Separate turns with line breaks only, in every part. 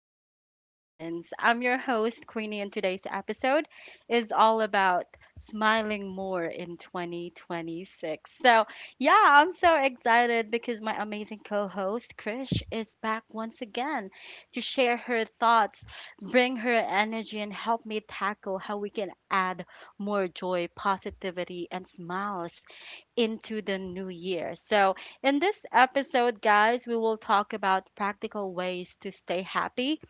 conversations. I'm your host, Queenie, and today's episode is all about smiling more in 2026. So, yeah, I'm so excited because my amazing co host, Krish, is back once again to share her thoughts, bring her energy, and help me tackle how we can add more joy, positivity, and smiles into the new year. So, in this episode, guys, we will talk about practical ways to stay happy,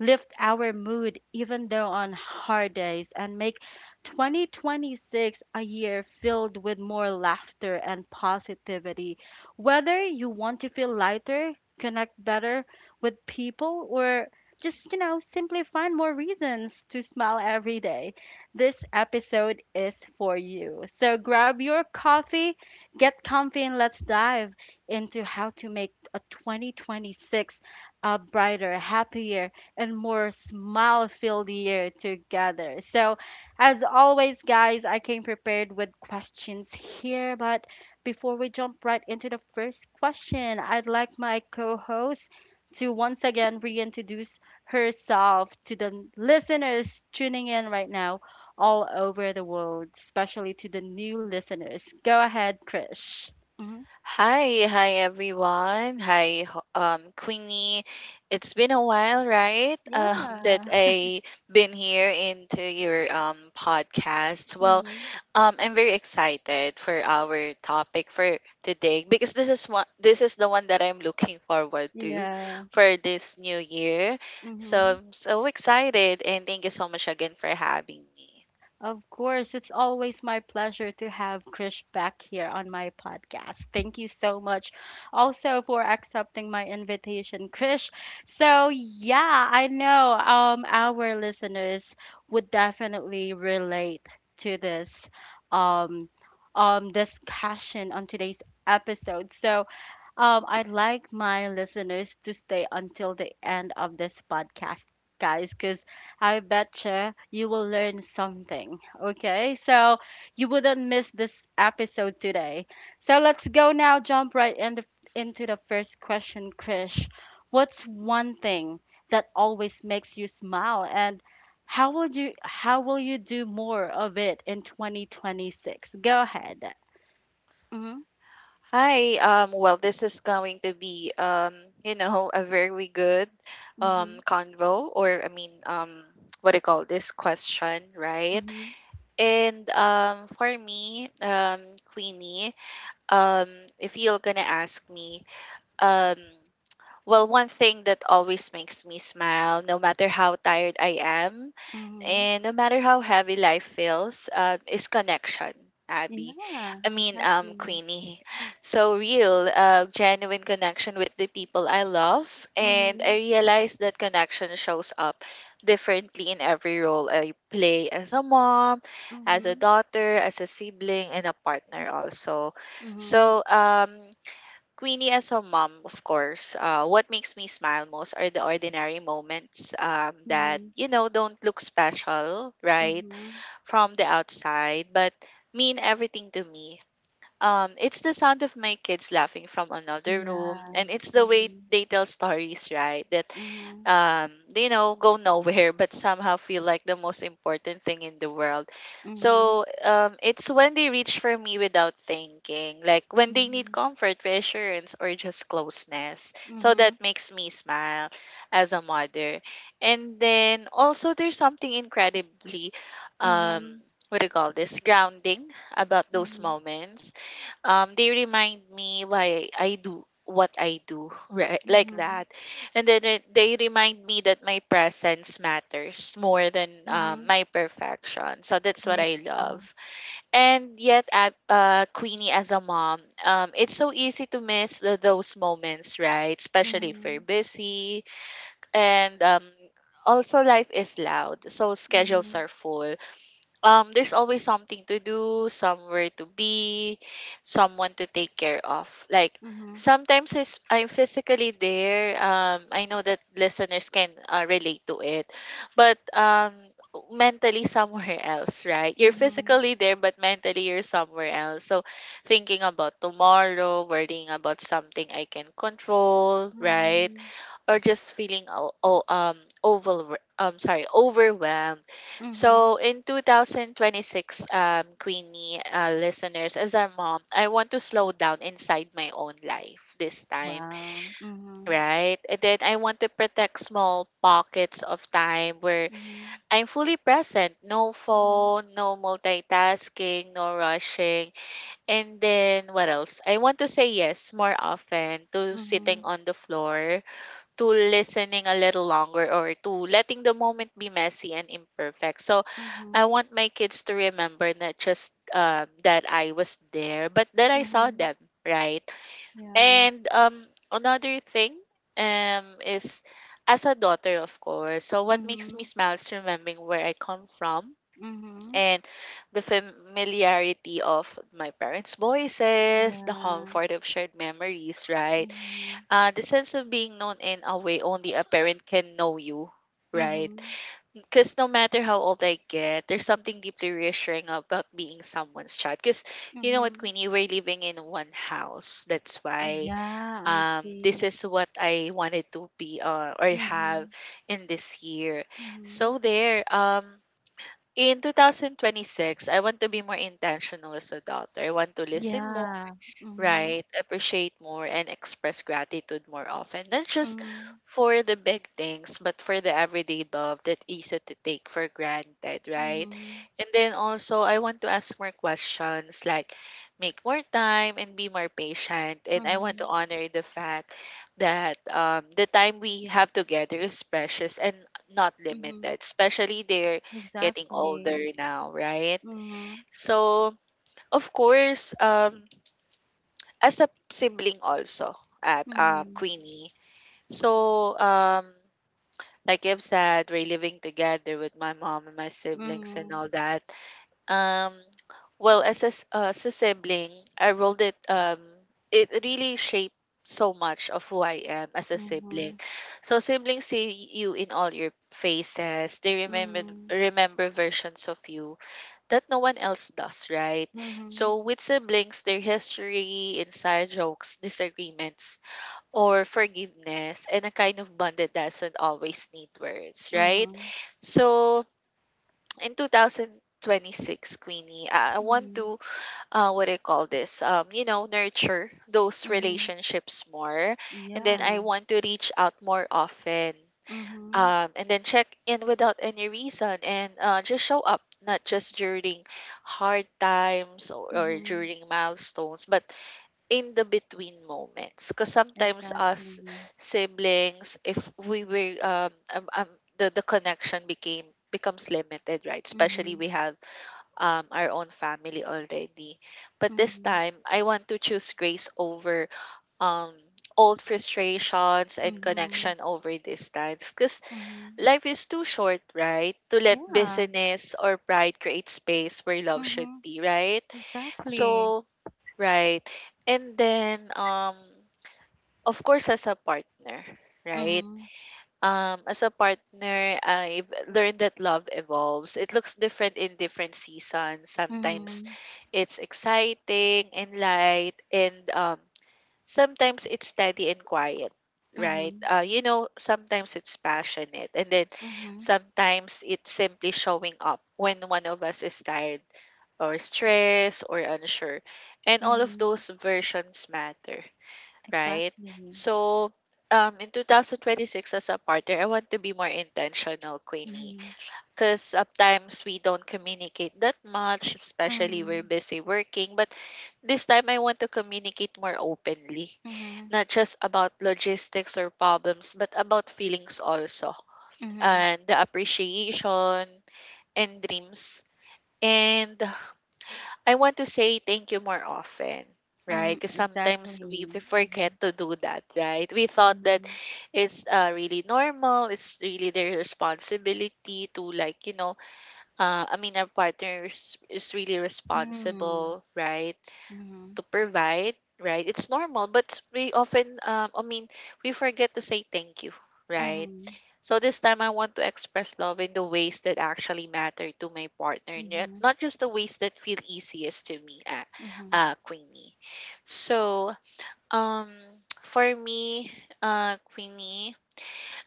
lift our mood even though on hard days, and make 2026 a year filled with more laughter and positivity. Whether you want to feel lighter, connect better with people, or just simply find more reasons to smile every day, this episode is for you. So grab your coffee, get comfy, and let's dive into how to make a 2026 a brighter, happier, and more smile filled year together. So, as always, guys, I came prepared with questions here. But before we jump right into the first question, I'd like my co host to once again reintroduce herself to the listeners tuning in right now all over the world, especially to the new listeners. Go ahead, Trish. Mhm.
Hi, hi everyone. Hi, Queenie. It's been a while, right? That
Yeah.
I been here into your podcast. Well,
Hmm.
I'm very excited for our topic for today because this is the one that I'm looking forward to
Yeah.
for this new year.
Hmm.
So I'm so excited, and thank you so much again for having me.
Of course, it's always my pleasure to have Krish back here on my podcast. Thank you so much also for accepting my invitation, Krish. So, yeah, I know our listeners would definitely relate to this um discussion on today's episode. So, I'd like my listeners to stay until the end of this podcast, guys, because I betcha you will learn something. Okay, so you wouldn't miss this episode today. So let's go now, jump right into the first question, Krish. What's one thing that always makes you smile, and how will you do more of it in 2026? Go ahead. Mm-hmm.
Hi. Well, this is going to be, a very good
Mm-hmm.
convo, what do you call this question, right?
Mm-hmm.
And for me, Queenie, um, if you're gonna ask me, um, well, one thing that always makes me smile, no matter how tired I am,
Mm-hmm.
and no matter how heavy life feels, is connection. Abby,
Yeah, exactly.
Queenie. So real, genuine connection with the people I love, and
Mm-hmm.
I realize that connection shows up differently in every role I play as a mom, as a
Mm-hmm.
daughter, as a sibling, and a partner also.
Mm-hmm.
So um, Queenie, as a mom, of course, what makes me smile most are the ordinary moments that,
Mm-hmm.
you know, don't look special, right,
Mm-hmm.
from the outside, but mean everything to me. It's the sound of my kids laughing from another room,
Yeah.
and it's the way
Mm-hmm.
they tell stories, right, that you know, go nowhere, but somehow feel like the most important thing in the world.
Mm-hmm.
So it's when they reach for me without thinking, like when they
Mm-hmm.
need comfort, reassurance, or just closeness. So
Mm-hmm.
that makes me smile as a mother. And then also, there's something incredibly, um,
Mm-hmm.
what do you call this, grounding about those
Mm-hmm.
moments. They remind me why I do what I do, right?
Mm-hmm.
Like
Mm-hmm.
that. And then they remind me that my presence matters more than
Mm-hmm.
my perfection. So that's what
Yeah.
I love. And yet, at Queenie, as a mom, it's so easy to miss those moments, right? Especially if you're
Mm-hmm.
busy and also life is loud. So schedules
Mm-hmm.
are full. There's always something to do, somewhere to be, someone to take care of. Like
Mm-hmm.
I'm physically there. I know that listeners can relate to it, but mentally somewhere else, right? You're
Mm-hmm.
physically there, but mentally you're somewhere else. So thinking about tomorrow, worrying about something I can control, right?
Mm-hmm.
Or just feeling overwhelmed.
Mm-hmm.
So in 2026, Queenie, listeners, as a mom, I want to slow down inside my own life this time,
Wow. Mm-hmm.
right? And then I want to protect small pockets of time where
Mm-hmm.
I'm fully present. No
Mm-hmm.
phone, no multitasking, no rushing. And then what else? I want to say yes more often to
Mm-hmm.
sitting on the floor, to listening a little longer, or to letting the moment be messy and imperfect. So
Mm-hmm.
I want my kids to remember not just that I was there, but that I saw
Mm-hmm.
them, right?
Yeah.
And another thing is as a daughter, of course. So what makes me
Mm-hmm.
smile is remembering where I come from
Mm-hmm.
and the familiarity of my parents' voices, the
Yeah.
comfort of shared memories, right?
Mm-hmm.
The sense of being known in a way only a parent can know you, right?
Mhm.
Because no matter how old I get, there's something deeply reassuring about being someone's child. Because you know what,
Mhm.
Queenie, we're living in one house. That's
Ah,
why
yeah, I
this
see.
is what I wanted to be or have
Mhm.
in this year. So
Mhm.
there, in 2026, I want to be more intentional as a daughter. I want to listen more.
Yeah. Mhm.
Right. Appreciate more and express gratitude more often. Not just
Mhm.
for the big things, but for the everyday love that easy to take for granted, right?
Mhm.
And then also I want to ask more questions, like make more time and be more patient. And I want to
Mhm.
honor the fact that the time we have together is precious and not
Mhm.
limited, especially they're getting
Exactly.
older now, right?
Mhm.
So of course, as a sibling also, at
Mhm.
Queenie. So like I've said, we're living together with my mom and my siblings and
Mhm.
all that. Um well, as a sibling, I rolled it it really shaped so much of who I am as a sibling.
Mhm.
So siblings see you in all your faces. They remember
Mhm.
remember versions of you that no one else does, right?
Mhm.
So with siblings, their history, inside jokes, disagreements, or forgiveness, and a kind of bond that doesn't always need words, right?
Mhm.
So in 2026, Queenie, I want
Mhm.
to, what I call this, you know, nurture those
Mhm.
relationships more. And then I
Yeah.
want to reach out more often
Mhm.
and then check in without any reason and just show up, not just during hard times or
Mhm.
during milestones, but in the between moments, because sometimes us
Exactly.
siblings, if we were the connection became becomes limited, right? Especially we
Mhm.
have our own family already. But this
Mhm.
time I want to choose grace over um old frustrations, and
Mhm.
connection over distance, because
Mhm.
life is too short, right, to let
Yeah.
business or pride create space where love should
Mhm.
be, right?
Exactly.
So, right. And then, of course, as a partner, right?
Mhm.
As a partner, I've learned that love evolves. It looks different in different seasons. Sometimes
Mhm.
it's exciting and light, and sometimes it's steady and quiet, right?
Mhm.
You know, sometimes it's passionate, and then
Mhm.
sometimes it's simply showing up when one of us is tired or stressed or unsure. And all of
Mhm.
those versions matter, right?
Exactly.
So, in 2026, as a partner, I want to be more intentional, Queenie,
Mhm.
because sometimes we don't communicate that much, especially we're
Mhm.
busy working. But this time, I want to communicate more openly,
Mhm.
not just about logistics or problems, but about feelings also,
Mhm.
and the appreciation and dreams. And I want to say thank you more often, right?
Mhm.
Because sometimes we
Exactly. Mhm.
forget to do that, right? We thought that
Mhm.
it's really normal, it's really their responsibility to, like, you know, our partner is really
Mhm.
responsible, right,
Mhm.
to provide, right? It's normal, but we often, we forget to say thank you, right? So this time I want to express love in the ways that actually matter to my partner,
Mhm.
not just the ways that feel easiest to me,
Mhm.
Queenie. So, um, for me, Queenie,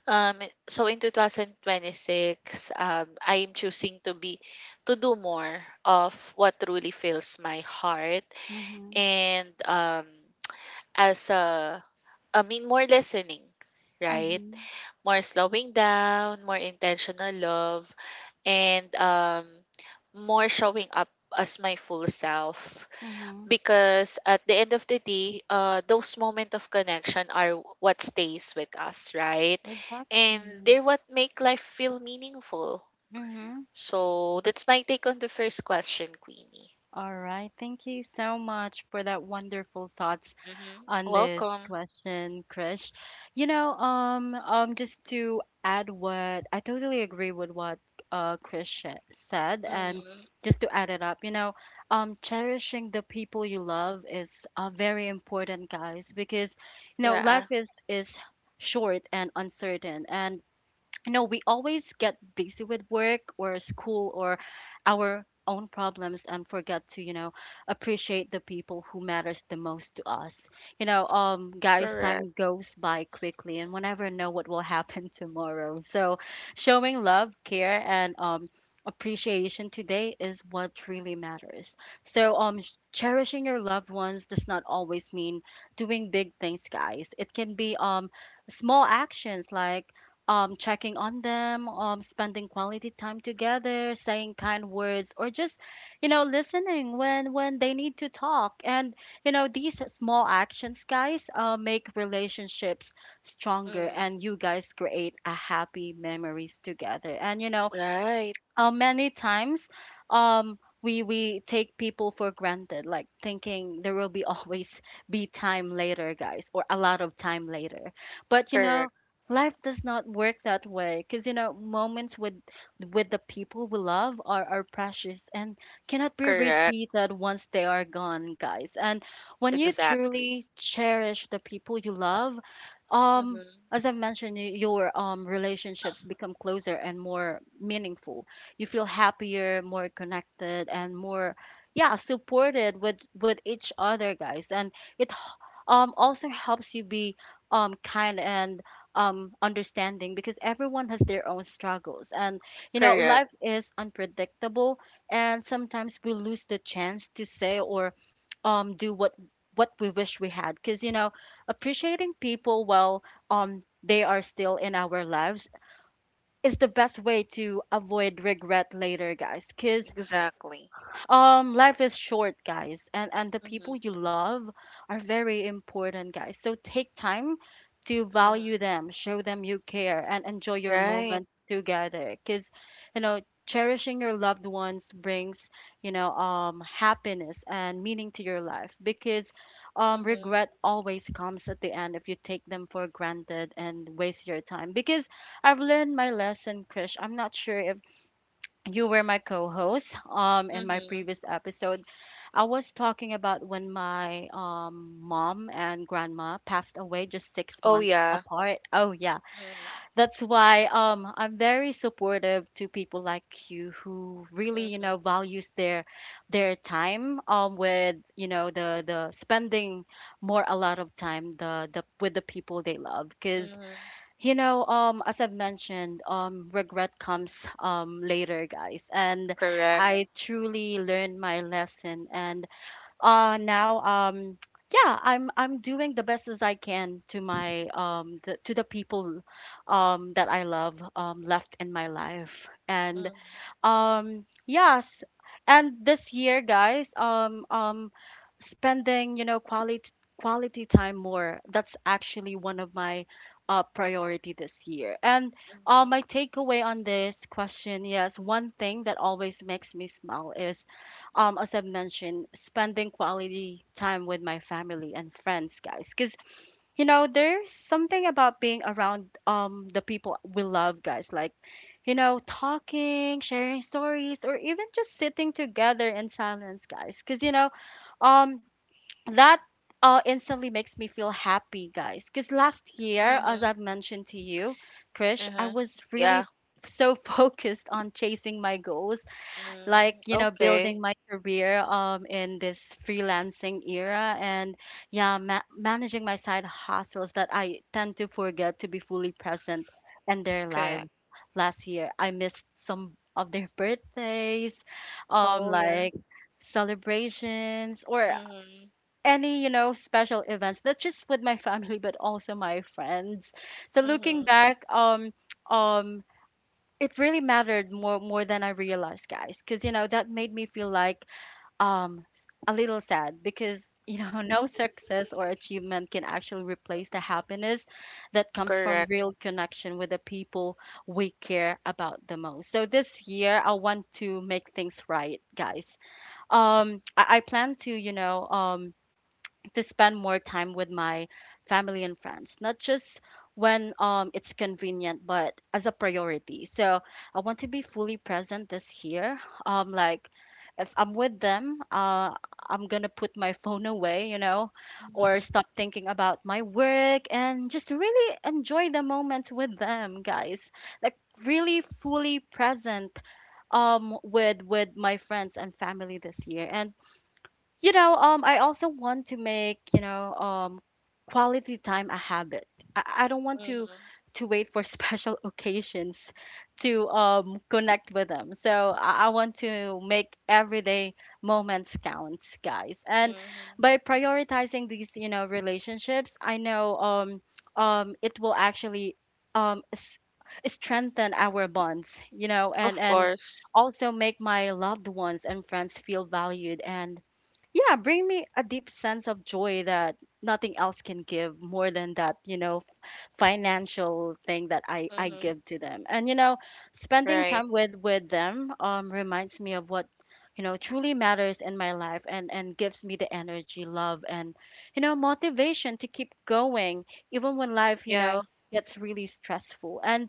um, so in 2026, I am choosing to be, to do more of what truly fills my heart,
Mhm. Mhm.
and as a I mean more listening, right?
Mhm.
More slowing down, more intentional love, and more showing up as my full self,
Mhm.
because at the end of the day, those moments of connection are what stays with us, right? And
Exactly.
they're what make life feel meaningful.
Mhm.
So that's my take on the first question, Queenie.
All right. Thank you so much for that wonderful thoughts
Mm-hmm.
on the
Welcome.
question, Krish. You know, just to add, what I totally agree with what Krish said, and
Mm.
just to add it up, you know, cherishing the people you love is very important, guys, because you know life
Yeah,
is is short and uncertain, and no, we always get busy with work or school or our own problems and forget to, you know, appreciate the people who matters the most to us. You know, guys,
correct.
time goes by quickly and we never know what will happen tomorrow. So showing love, care and appreciation today is what really matters. So cherishing your loved ones does not always mean doing big things, guys. It can be small actions like checking on them, spending quality time together, saying kind words, or just, you know, listening when they need to talk. And you know, these small actions, guys, make relationships stronger,
Mm.
and you guys create a happy memories together. And you know,
Right.
many times we take people for granted, like thinking there will be always be time later, guys, or a lot of time later. But you know,
Correct,
life does not work that way because you know moments with the people we love are precious and cannot be
correct,
repeated once they are gone, guys. And when you
exactly.
truly cherish the people you love, um
Mm-hmm.
as I mentioned, your relationships become closer and more meaningful. You feel happier, more connected, and more, yeah, supported with each other, guys. And it also helps you be kind and understanding because everyone has their own struggles and you know
Correct,
life is unpredictable and sometimes we lose the chance to say or do what we wish we had, because you know appreciating people while they are still in our lives is the best way to avoid regret later, guys. Because
exactly.
life is short, guys, and the people
Mm-hmm.
you love are very important, guys, so take time to value
Mm-hmm.
them, show them you care, and enjoy your
Right.
moment together. Because you know cherishing your loved ones brings you know happiness and meaning to your life. Because
Mm-hmm.
regret always comes at the end if you take them for granted and waste your time. Because I've learned my lesson, Krish. I'm not sure if you were my co-host in my
Mm-hmm.
previous episode. I was talking about when my mom and grandma passed away just six
Oh
months
yeah.
apart. Oh yeah,
Mm-hmm.
that's why I'm very supportive to people like you, who really you know
Mm-hmm.
values their time with you know the spending more a lot of time the with the people they love. Because
Mm-hmm.
you know, as I've mentioned, regret comes later, guys, and
Correct.
I truly learned my lesson. And now, yeah, I'm doing the best as I can to my to the people, that I love left in my life, and
Mm-hmm.
um, yes. And this year, guys, spending, you know, quality time more, that's actually one of my priority this year. And
Mm-hmm.
my takeaway on this question, yes, one thing that always makes me smile is um, as I mentioned, spending quality time with my family and friends, guys. Because you know there's something about being around the people we love, guys, like you know talking, sharing stories, or even just sitting together in silence, guys. Because you know um that instantly makes me feel happy, guys. Because last year, as
Mm-hmm.
I've mentioned to you, Krish, I
Uh-huh.
was
Yeah.
really so focused on chasing my goals, like
Mm,
you know
okay.
building my career in this freelancing era and yeah, managing my side hustles, that I tend to forget to be fully present in their lives.
Correct.
Last year, I missed some of their birthdays, um,
Oh yeah.
like celebrations or
Mm-hmm.
any you know special events, not just with my family but also my friends. So looking
Mm-hmm.
back, um it really mattered more than I realized, guys. Because you know that made me feel like a little sad, because you know no
Mm-hmm.
success or achievement can actually replace the happiness that comes from
Correct.
real connection with the people we care about the most. So this year I want to make things right, guys. I plan to you know to spend more time with my family and friends, not just when it's convenient, but as a priority. So I want to be fully present this year. Like if I'm with them, I'm gonna put my phone away, you know, or
Mm-hmm.
stop thinking about my work and just really enjoy the moments with them, guys. Like really fully present with my friends and family this year. And you know, I also want to make, you know, quality time a habit. I don't want to
Mm-hmm.
wait for special occasions to connect with them. So I want to make everyday moments count, guys. And
Mm-hmm.
by prioritizing these, you know, relationships, I know it will actually um, s- strengthen our bonds, you know,
Of
and
course.
also make my loved ones and friends feel valued and yeah, bring me a deep sense of joy that nothing else can give, more than that, you know, financial thing that I
Mm-hmm.
give to them. And you know, spending
Right.
time with them reminds me of what you know truly matters in my life, and gives me the energy, love and you know, motivation to keep going even when life, you
Yeah.
know, gets really stressful. And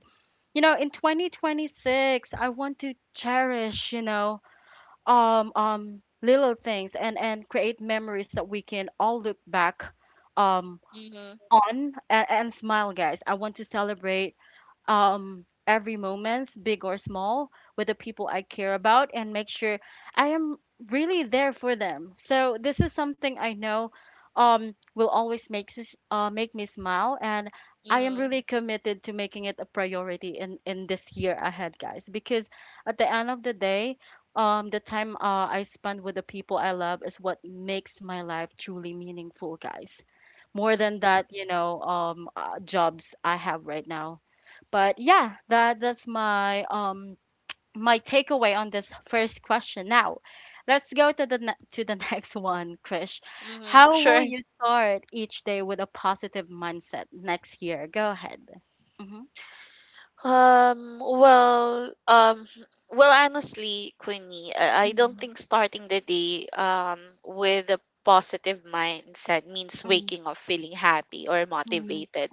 you know, in 2026, I want to cherish, you know, little things, and create memories that we can all look back um
Mm-hmm.
on, and smile, guys. I want to celebrate every moments, big or small, with the people I care about, and make sure I am really there for them. So this is something I know will always make me smile, and I am
Mm-hmm.
really committed to making it a priority in this year ahead, guys. Because at the end of the day, the time I spend with the people I love is what makes my life truly meaningful, guys. More than that,
Mm-hmm.
jobs I have right now but yeah, that's my my takeaway on this first question. Now, let's go to the next one, Krish.
Mhm.
How will
Sure.
you start each day with a positive mindset next year? Go ahead. Mhm.
Um, well, um, well, honestly, Queenie, I don't
Mhm.
think starting the day with a positive mindset means
Mhm.
waking up feeling happy or
Mhm.
motivated,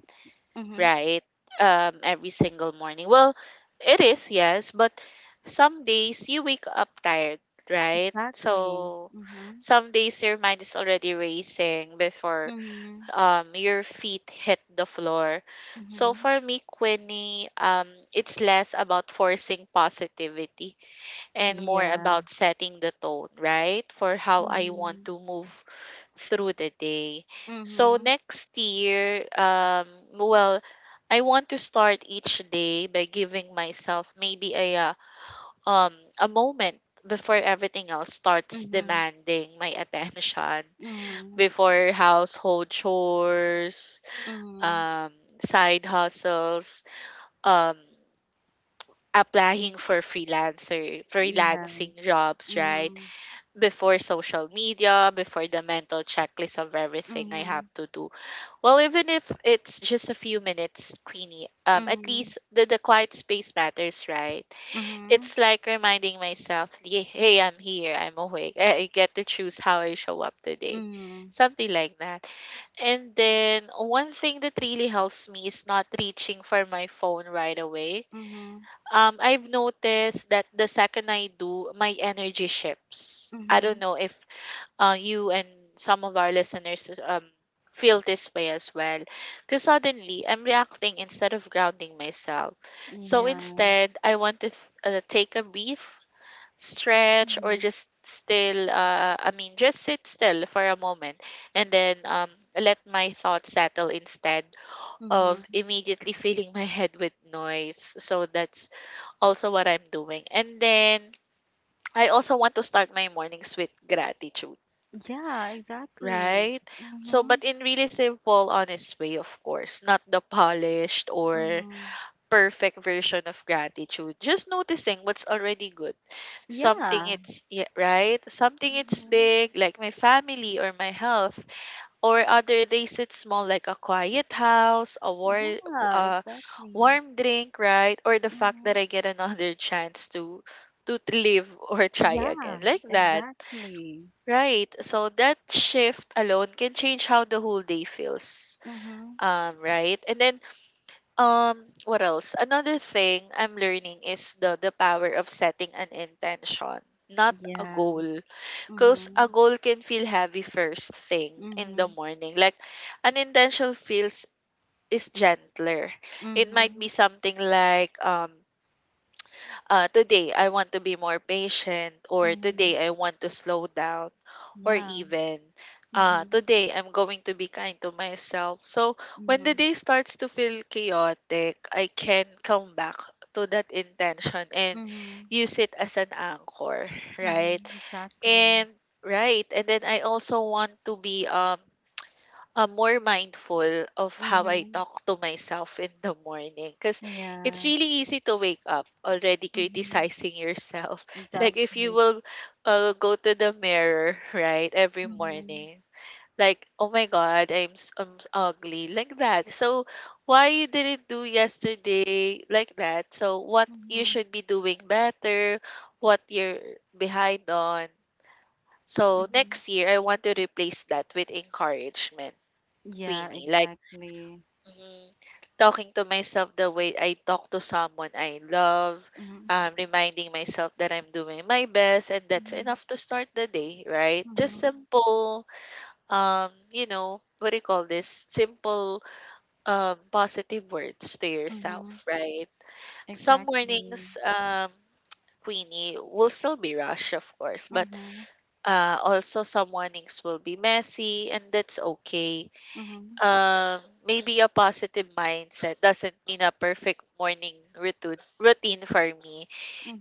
Mhm.
right? Every single morning. Well, it is, yes, but some days you wake up tired, right?
Exactly.
So
Mhm.
some days your mind is already racing before
Mhm.
your feet hit the floor. So
Mhm.
for me, Quinny, it's less about forcing positivity and more
Yeah.
about setting the tone, right, for how I want
Mhm.
to move through the day. So
Mhm.
next year, well, I want to start each day by giving myself maybe um a moment before everything else starts
Mhm.
demanding my attention,
Mhm.
before household chores,
Mhm.
um, side hustles, um, applying for freelancer
Yeah.
freelancing jobs, right?
Mhm.
Before social media, before the mental checklist of everything I
Mhm.
have to do. Well, even if it's just a few minutes, Queenie, at
Mhm.
least the quiet space matters, right?
Mhm.
It's like reminding myself, Hey, I'm here, I'm awake. I get to choose how I show up today."
Mhm,
Something like that. And then one thing that really helps me is not reaching for my phone right away.
mhm,
I've noticed that the second I do, my energy shifts. I don't
mhm.
know if you and some of our listeners feel this way as well. Because suddenly I'm reacting instead of grounding myself. So
Yeah.
instead, I want to take a breath, stretch, or
Mhm,
just still I mean just sit still for a moment and then let my thoughts settle instead of
mhm.
immediately filling my head with noise. So that's also what I'm doing. And then I also want to start my mornings with gratitude,
Yeah, exactly.
right? So,
Mhm,
but in really simple, honest way, of course, not the polished or
mhm.
perfect version of gratitude. Just noticing what's already good, something
Yeah.
it's, yeah, right, something it's
Mhm.
big like my family or my health, or other days it's small like a quiet house, a
Yeah,
uh,
exactly.
warm drink, right, or the fact that
Mhm.
I get another chance to live or try
Yeah,
again, like that,
exactly.
right? So that shift alone can change how the whole day feels.
Mhm.
Right, and then what else another thing I'm learning is the power of setting an intention, not a
Yeah.
goal, because a
Mhm.
goal can feel heavy first thing in the
Mhm.
morning. An intention feels is gentler. It might
Mhm.
be something like, today I want to be more patient, or
Mhm.
today I want to slow down, or
Yeah.
even
Mhm.
today I'm going to be kind to myself. So when the
Mhm.
day starts to feel chaotic, I can come back to that intention and
Mhm.
use it as an anchor, right?
Mhm. Exactly.
And right, and then I also want to be more mindful of how I
Mhm.
talk to myself in the morning, because it's
Yeah.
really easy to wake up already
Mhm.
criticizing yourself. Like, if you
Exactly.
will go to the mirror, right, every
Mhm.
morning, like, oh my god, ugly, like that. So, why you didn't do yesterday like that? So, what you
Mhm.
should be doing better? What you're behind on? So
Mhm.
next year, I want to replace that with encouragement,
Yeah,
Queenie. Like,
exactly.
mhm, talking to myself the way I talk to someone I love,
Mhm.
reminding myself that I'm doing my best and that's
Mhm.
enough to start the day, right? Just
Mhm.
simple, you know, what do you call this? Simple, positive words to
Mhm.
yourself, right? Some
Exactly.
mornings, Queenie will still be rush, of course, but
Mhm.
uh, also, some mornings will be messy, and that's okay.
Mhm.
Maybe a positive mindset doesn't mean a perfect morning routine for me.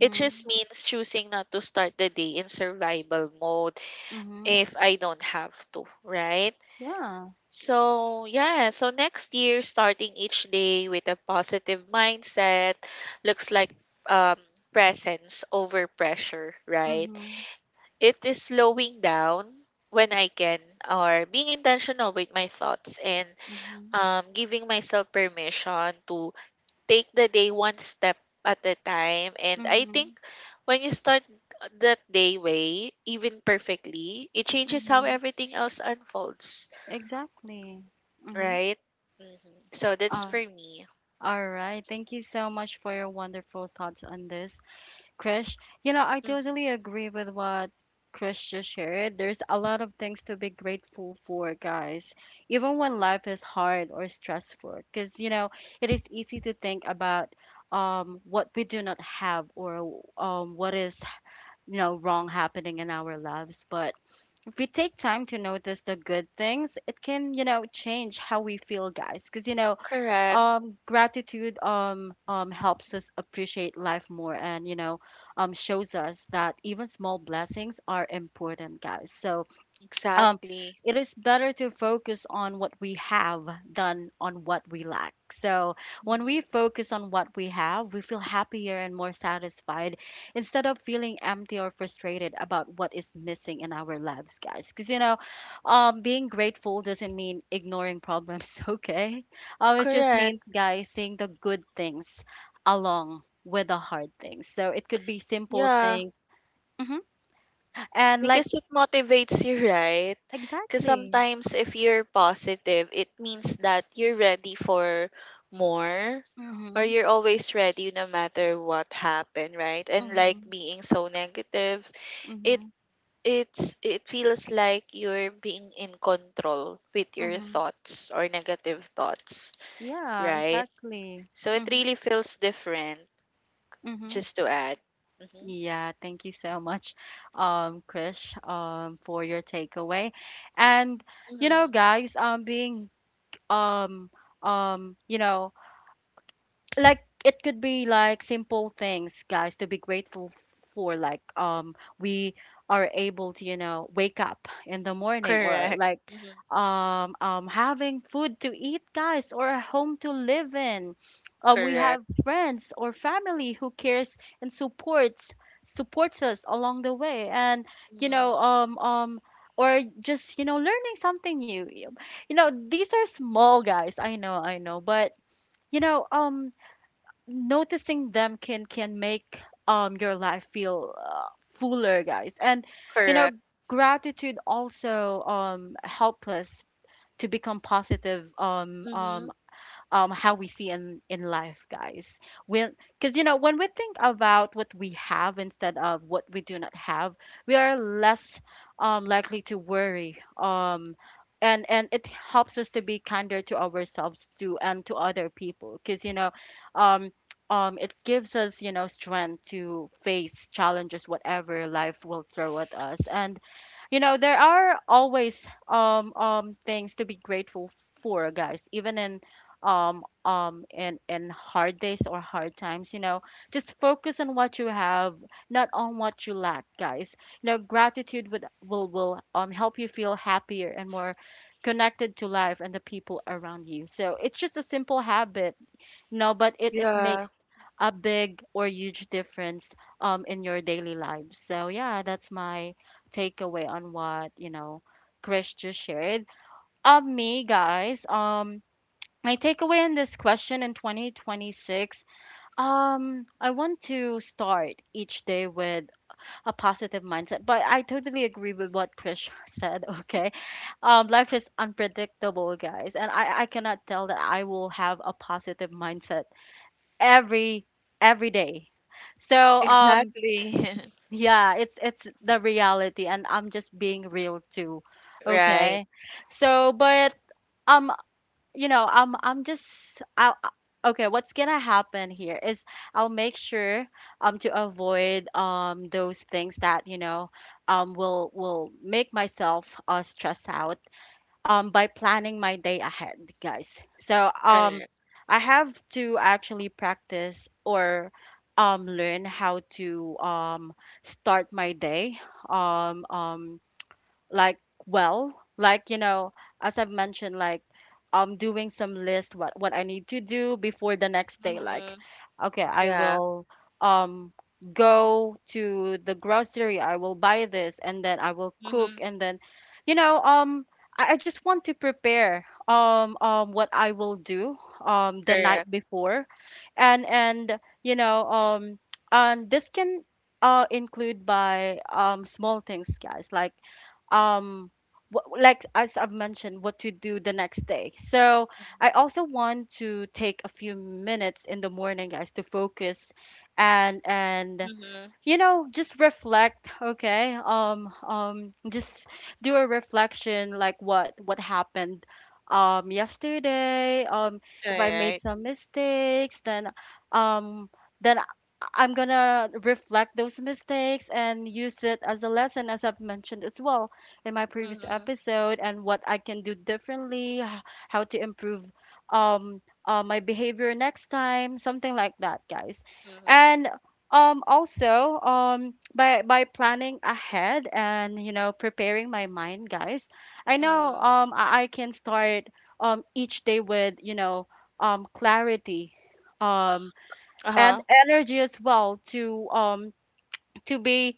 It just means choosing not to start the day in survival mode
Mhm.
if I don't have to, right?
Yeah.
So, yeah, so next year, starting each day with a positive mindset looks like, um, presence over pressure, right?
Mhm.
It is slowing down when I can, or being intentional with my thoughts, and
Mhm.
giving myself permission to take the day one step at a time. And I think
Mhm.
when you start that day way, even perfectly, it changes how
Mhm.
everything else unfolds,
Exactly. Mhm.
right? hmm So that's
All,
for me.
all right. Thank you so much for your wonderful thoughts on this. Krish, you know, I
Mm,
totally agree with what Krish just shared. There's a lot of things to be grateful for, guys, even when life is hard or stressful, because, you know, it is easy to think about what we do not have or what is, you know, wrong happening in our lives. But if we take time to notice the good things, it can, you know, change how we feel, guys, because,
correct.
gratitude helps us appreciate life more and you know shows us that even small blessings are important, guys. So um,
Exactly.
it is better to focus on what we have than on what we lack. So when we
Mhm.
focus on what we have, we feel happier and more satisfied instead of feeling empty or frustrated about what is missing in our lives, guys. Because you know, being grateful doesn't mean ignoring problems. Okay, it just
Correct.
means, guys, seeing the good things along with the hard things. So it could be simple
Yeah.
things, hmm and like
Because it motivates you, right? Because
exactly.
sometimes if you're positive, it means that you're ready for more, or
hmm
you're always ready no matter what happened, right? And like,
hmm
being so negative, it
Mhm,
it feels like you're being in control with your
mhm.
thoughts or negative thoughts,
Yeah,
right?
exactly.
So it
Mhm,
really feels different,
mhm.
just to add. Mm-hmm.
Yeah, thank you so much, Krish, for your takeaway. And you know,
Mm-hmm.
guys, um, um, you know, like it could be like simple things, guys, to be grateful for, like we are able to, you know, wake up in the morning, or
Correct.
like
Mm-hmm.
having food to eat, guys, or a home to live in. We
Correct.
have friends or family who cares and supports supports us along the way, and you know
Mm-hmm.
or just you know learning something new, you know these are small, guys, I know I know, but you know noticing them can make your life feel fuller, guys, and you know
Correct.
gratitude also help us to become positive
Mm-hmm.
how we see in life, guys. When because you know when we think about what we have instead of what we do not have, we are less likely to worry. And it helps us to be kinder to ourselves too and to other people because you know um it gives us, you know, strength to face challenges whatever life will throw at us, and you know there are always things to be grateful for, guys, even in hard days or hard times, you know, just focus on what you have, not on what you lack, guys. You know gratitude would will help you feel happier and more connected to life and the people around you, so it's just a simple habit, you know, but it
Yeah,
makes a big or huge difference in your daily life. So yeah, that's my takeaway on what you know Chris just shared. Me, guys, my takeaway in this question: in 2026, I want to start each day with a positive mindset, but I totally agree with what Krish said. Okay, life is unpredictable, guys, and I cannot tell that I will have a positive mindset every every day. So um
exactly.
yeah, it's the reality, and I'm just being real too.
Right.
Okay, so but um you know I'm just I'll I- okay, what's gonna happen here is I'll make sure to avoid those things that you know will make myself stress out by planning my day ahead, guys. So um
Correct.
I have to actually practice or learn how to start my day um um like, well, like you know, as I've mentioned, like I'm doing some list what I need to do before the next day. Like,
Mm-hmm.
okay, I
Yeah.
will um go to the grocery, I will buy this, and then I will
Mm-hmm.
cook, and then you know I just want to prepare what I will do the night
Correct.
before. And you know and this can include by small things, guys, like um like as I've mentioned, what to do the next day. So I
Mm-hmm.
also want to take a few minutes in the morning, guys, to focus and
Mm-hmm.
you know just reflect. Okay, just do a reflection, like what happened yesterday.
All
If I made
right.
some mistakes, then um then I- I'm gonna reflect those mistakes and use it as a lesson, as I've mentioned as well in my previous
Mm-hmm.
episode, and what I can do differently, how to improve um my behavior next time, something like that, guys.
Mm-hmm.
And also, by planning ahead and you know preparing my mind, guys, I know
Mm-hmm.
I can start each day with, you know, clarity, um and
Uh-huh.
energy as well to be,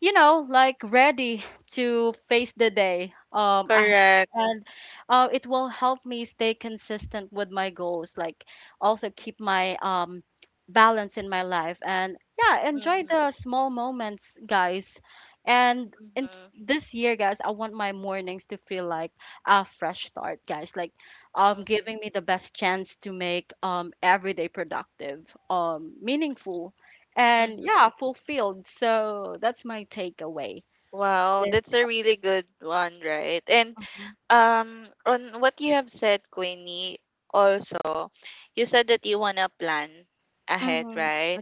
you know, like ready to face the day.
Correct.
And it will help me stay consistent with my goals, like also keep my balance in my life, and yeah, enjoy
Mm-hmm.
the small moments, guys. And in
Mm-hmm.
this year, guys, I want my mornings to feel like a fresh start, guys. Like, giving me the best chance to make every day productive, meaningful, and
Mm-hmm.
yeah, fulfilled. So that's my takeaway.
Wow,
Yes.
that's a really good one, right? And
Mhm.
um, on what you have said, Queenie, also, you said that you wanna plan ahead,
Mhm.
right?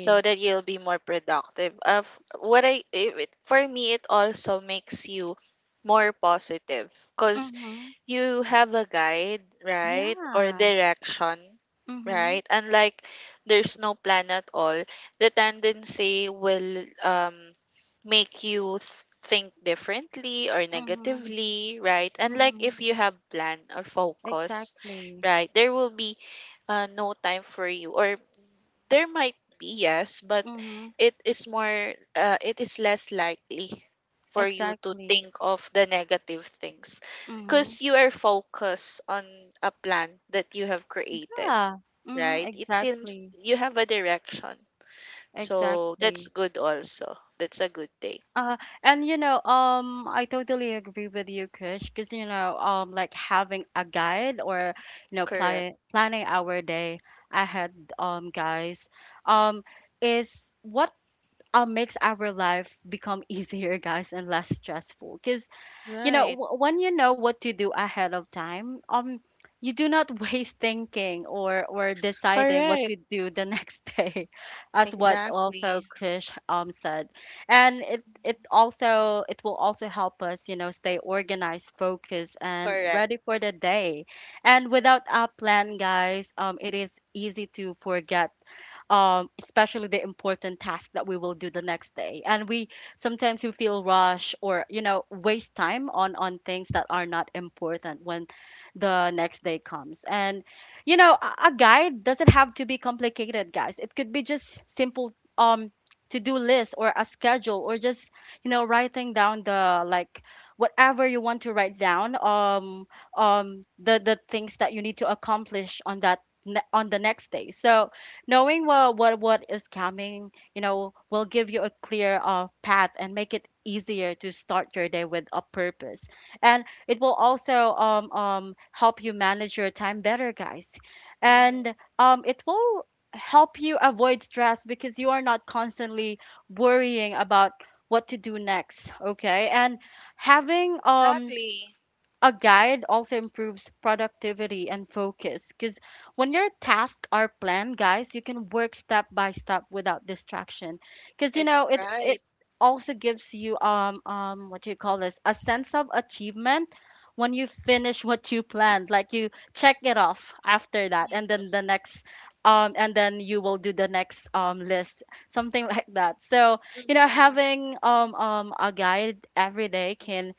So that you'll be more productive. Of what I it, it- for me, it also makes you more positive because
Mhm.
you have a guide, right? Or
Yeah.
direction,
Mhm.
right? And like, there's no plan at all, the tendency will make you think differently or
Mhm.
negatively, right? And like,
Mhm.
if you have plan or focus,
Exactly.
right, there will be no time for you, or there might be, yes, but
Mhm.
it is more it is less likely for you to
Exactly.
think of the negative things
Mhm.
because you are focused on a plan that you have created,
Yeah. Mhm.
right? It seems
Exactly.
you have a direction. So that's
Exactly.
good also. That's a good take.
Uh, and you know, I totally agree with you, Krish, because you know, like having a guide or you know,
Correct.
planning our day ahead, guys, um, is what makes our life become easier, guys, and less stressful. Because you know,
Right.
when you know what to do ahead of time, you do not waste thinking or deciding what
Correct.
to do the next day, as what also
Exactly.
Krish said, and it
Mhm.
it also it will also help us, you know, stay organized, focused, and
Correct.
ready for the day. And without a plan, guys, it is easy to forget, especially the important task that we will do the next day. And we sometimes we feel rush or you know waste time on things that are not important when the next day comes. And you know a guide doesn't have to be complicated, guys. It could be just simple to-do list or a schedule or just you know writing down the, like, whatever you want to write down, the things that you need to accomplish on that on the next day. So knowing what is coming, you know, will give you a clear path and make it easier to start your day with a purpose. And it will also help you manage your time better, guys.
Mm-hmm.
And it will help you avoid stress because you are not constantly worrying about what to do next, okay? And having
Exactly.
a guide also improves productivity and focus because when your tasks are planned, guys, you can work step by step without distraction, because you
Ex-
know it
Right.
it also gives you what do you call this, a sense of achievement when you finish what you planned, like you check it off after that, and
Mm-hmm.
then the next and then you will do the next list, something like that. So you know
Mm-hmm.
having a guide every day
Mm-hmm.
can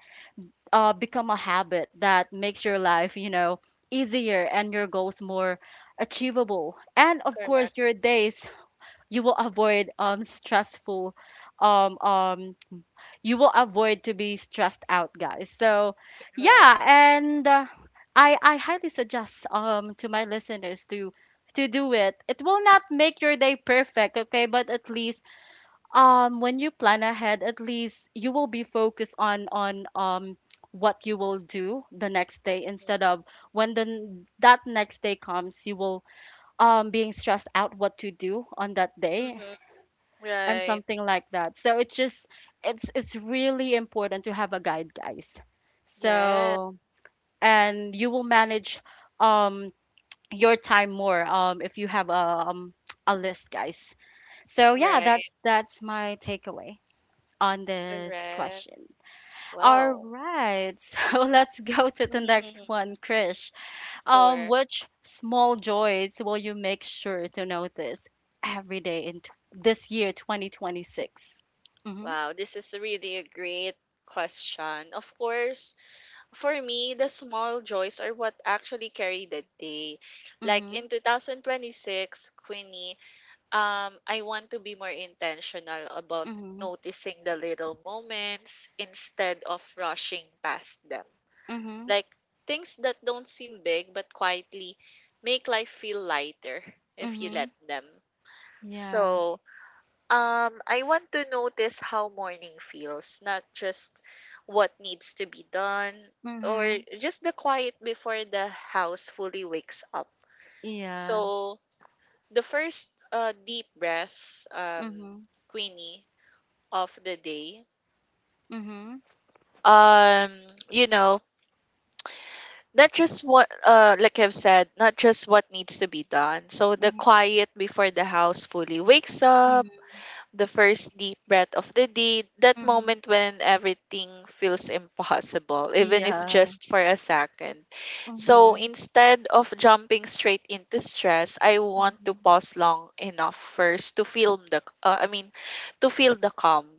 become a habit that makes your life, you know, easier and your goals more achievable. And of
Correct.
course, your days, you will avoid stressful um um you will avoid to be stressed out, guys. So,
Right.
yeah, and I highly suggest to my listeners to do it. It will not make your day perfect, okay, but at least, when you plan ahead, at least you will be focused on what you will do the next day
Mhm.
instead of when that next day comes, you will being stressed out what to do on that day
Mhm.
and
Right.
something like that. So it's just it's really important to have a guide, guys.
Yeah.
So, and you will manage um your time more, if you have a list, guys. So yeah,
Right.
that's my takeaway on this
Correct.
question. All
Wow.
right, so let's go to the next one, Krish.
Sure.
Which small joys will you make sure to notice every day this year, 2026? Mm-hmm,
Wow, this is really a great question. Of course, for me, the small joys are what actually carry the day. Like,
mm-hmm,
in 2026, Queenie, I want to be more intentional about
mm-hmm,
noticing the little moments instead of rushing past them.
mm-hmm,
Like, things that don't seem big but quietly make life feel lighter if you
mm-hmm,
let them.
yeah,
So, I want to notice how morning feels, not just what needs to be done, or
mm-hmm,
just the quiet before the house fully wakes up.
yeah,
So, the first deep breath,
mm-hmm,
Queenie, of the day,
mm-hmm,
um, you know, not just what uh, like I've said, not just what needs to be done. So the
mm-hmm,
quiet before the house fully wakes up,
mm-hmm,
the first deep breath of the day, that
mm-hmm,
moment when everything feels impossible, even if
yeah,
just for a second. So
mm-hmm,
instead of jumping straight into stress, I want to
mm-hmm,
pause long enough first to feel the to feel the calm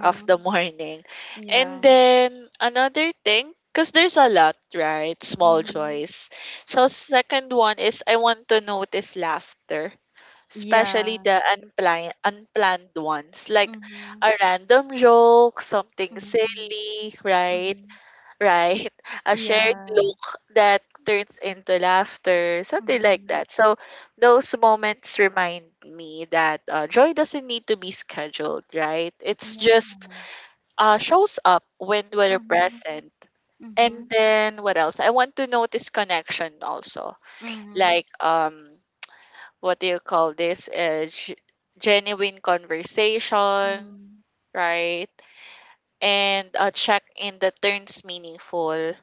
of the morning. And
yeah,
then another thing, because there's a lot, right? Small
mm-hmm,
joys. So second one is, I want to notice laughter, especially
yeah,
the unplanned ones, like
mm-hmm.
a random joke, something
Mhm,
silly, right?
mhm.
Right. A shared
Yeah.
look that turns into laughter, something like
Mhm.
that. So those moments remind me that joy doesn't need to be scheduled, right? It's
Yeah.
just shows up when we're
Mhm,
present. And
mhm,
then what else? I want to notice connection also.
mhm,
Like, um, what do you call this? Genuine conversation,
mhm,
right? And a check in that turns meaningful.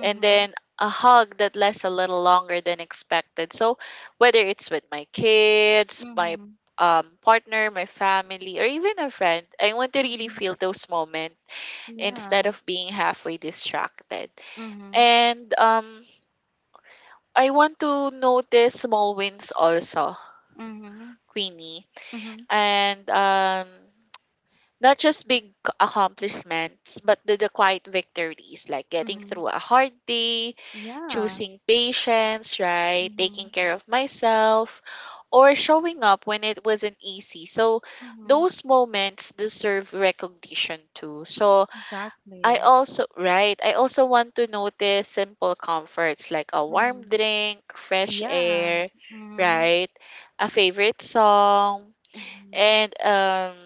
And then a hug that lasts a little longer than expected. So whether it's with my kids, my
mhm,
partner, my family, or even a friend, I want to really
mhm.
feel those moments instead
Yeah.
of being halfway distracted.
Mhm,
And I want to notice small wins also,
mhm,
Queenie,
mhm,
and not just big accomplishments, but the quiet victories like getting
mhm.
through a hard day,
Yeah.
choosing patience, right, taking
Mhm,
care of myself, or showing up when it wasn't easy. So
mhm.
those moments deserve recognition too. So I
Exactly.
also right, I also want to notice simple comforts like a warm
Mhm.
drink, fresh
Yeah.
air,
Mhm,
right? A favorite song,
mhm.
and um,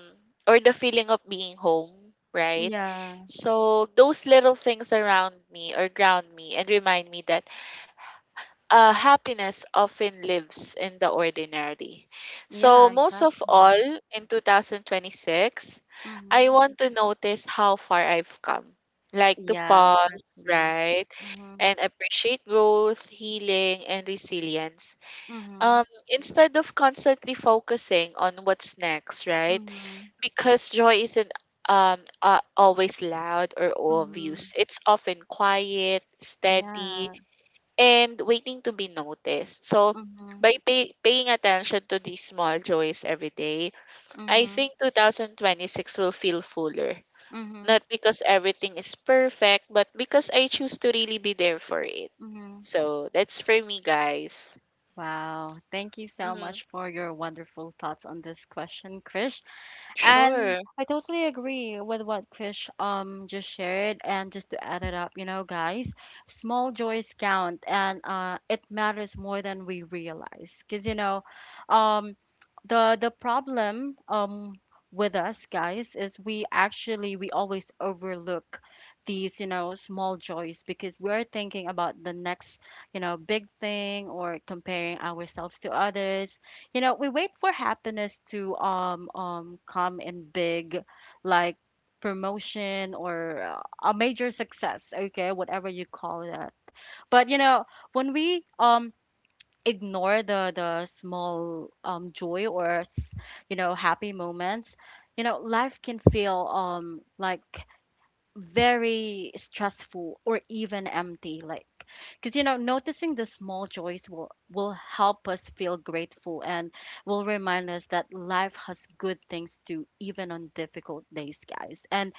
or the feeling of being home, right?
Yeah.
So those little things around me or ground me and remind me that happiness often lives in the ordinary. So,
Yeah,
most of all,
exactly.
in 2026, I
Mhm.
want to notice how far I've come. Like, to
Yeah,
pause,
exactly.
right?
Mhm,
And appreciate growth, healing, and resilience.
mhm,
Instead of constantly focusing on what's next, right?
mhm,
Because joy isn't um always loud or
mhm.
obvious. It's often quiet, steady,
Yeah.
and waiting to be noticed. So
Mhm.
by paying attention to these small joys every day, I
Mhm,
think 2026 will feel fuller.
mhm,
Not because everything is perfect, but because I choose to really be there for it.
mhm.
So that's for me, guys.
Wow. Thank you so
Mm-hmm.
much for your wonderful thoughts on this question, Krish. And
Sure.
I totally agree with what Krish just shared. And just to add it up, you know, guys, small joys count, and it matters more than we realize. Cause, you know, um, the problem, with us, guys, is we always overlook these, you know, small joys, because we're thinking about the next, you know, big thing, or comparing ourselves to others. You know, we wait for happiness to come in big, like promotion or a major success. Okay, whatever you call that. But, you know, when we ignore the small joy or you know, happy moments, you know, life can feel like very stressful or even empty, like, because, you know, noticing the small joys will help us feel grateful and will remind us that life has good things to, even on difficult days, guys. And,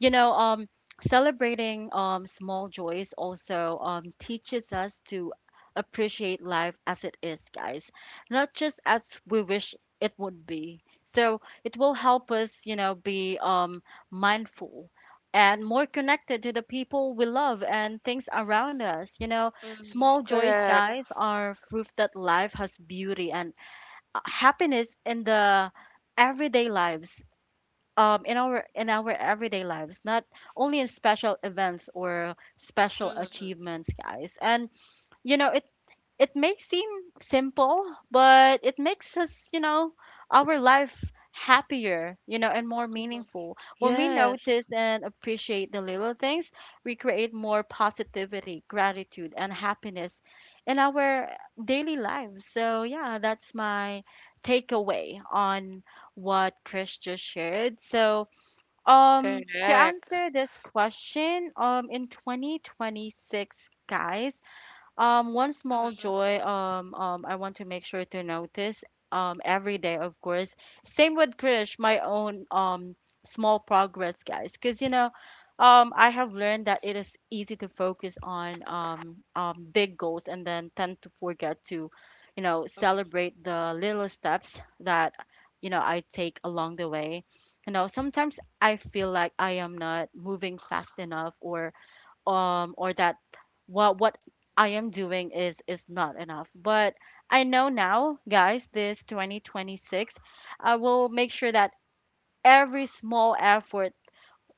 you know, celebrating small joys also teaches us to appreciate life as it is, guys, not just as we wish it would be. So it will help us, you know, be mindful and more connected to the people we love and things around us. You know,
Mm-hmm.
small joys,
Correct.
guys, are proof that life has beauty and happiness in the everyday lives. In our everyday lives, not only in special events or special
Mm-hmm.
achievements, guys. And, you know, it may seem simple, but it makes us, you know, our life happier, you know, and more
Mm-hmm.
meaningful. When we
Yes.
notice and appreciate the little things, we create more positivity, gratitude, and happiness in our daily lives. So yeah, that's my takeaway on what Chris just shared. So, to
Correct.
answer this question, in 2026, guys, one small
Mm-hmm.
joy, I want to make sure to notice, every day, of course. Same with Krish, my own, small progress, guys. Because, you know, I have learned that it is easy to focus on, big goals, and then tend to forget to, you know,
Mm-hmm.
celebrate the little steps that, you know, I take along the way. You know, sometimes I feel like I am not moving fast enough or that what I am doing is not enough. But I know now, guys, this 2026, I will make sure that every small effort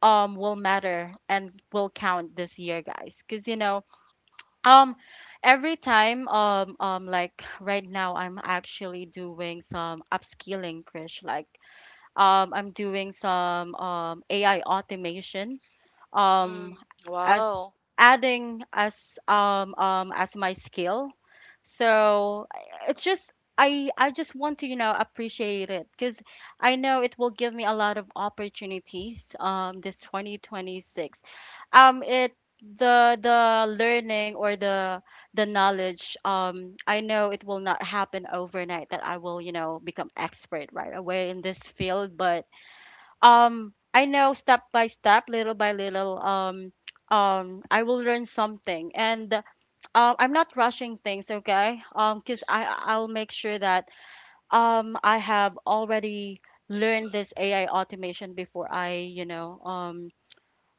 will matter and will count this year, guys. Cause, you know, um every time like right now, I'm actually doing some upskilling, Krish. Like, I'm doing some AI automation um,
Mm-hmm.
as
Wow.
adding as my skill. So it's just, I just want to, you know, appreciate it, because I know it will give me a lot of opportunities, this 2026. It The learning or the knowledge, I know it will not happen overnight that I will, you know, become expert right away in this field. But I know, step by step, little by little, I will learn something, and I'm not rushing things, okay? Cuz I'll make sure that I have already learned this AI automation before I, you know, um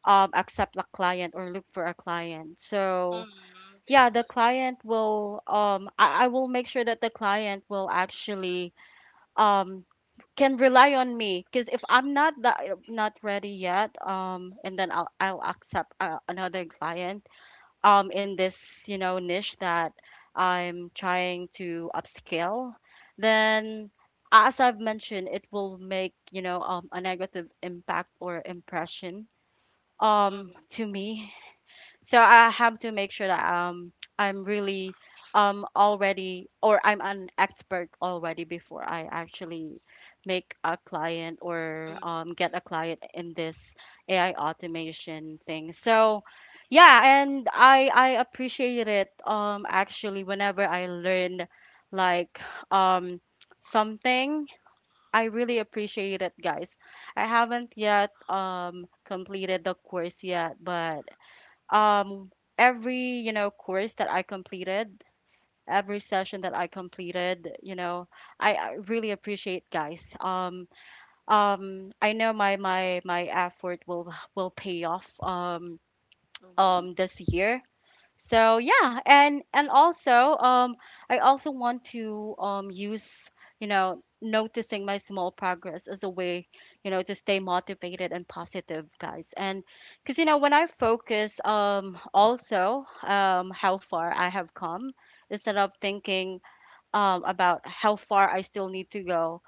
um accept a client or look for a client. So
Mm-hmm.
yeah, the client will I will make sure that the client will actually um can rely on me, because if I'm not that not ready yet, and then I'll accept another client, in this, you know, niche that I'm trying to upscale, then as I've mentioned, it will make, you know, a negative impact or impression,
Mm-hmm.
to me. So I have to make sure that I'm really already, or I'm an expert already, before I actually make a client or get
Mm-hmm.
a client in this AI automation thing. So
Right.
yeah, and I appreciate it, actually, whenever I learn, like, um something, I really appreciate it, guys. I haven't yet completed the course yet, but um every, you know, course that I completed, every session that I completed, you know, I really appreciate, guys. I know my my effort will pay off,
Mm-hmm.
this year. So yeah, and also, I also want to use, you know, noticing my small progress as a way, you know, to stay motivated and positive, guys. And cuz, you know, when I focus also how far I have come, instead of thinking about how far I still need to go,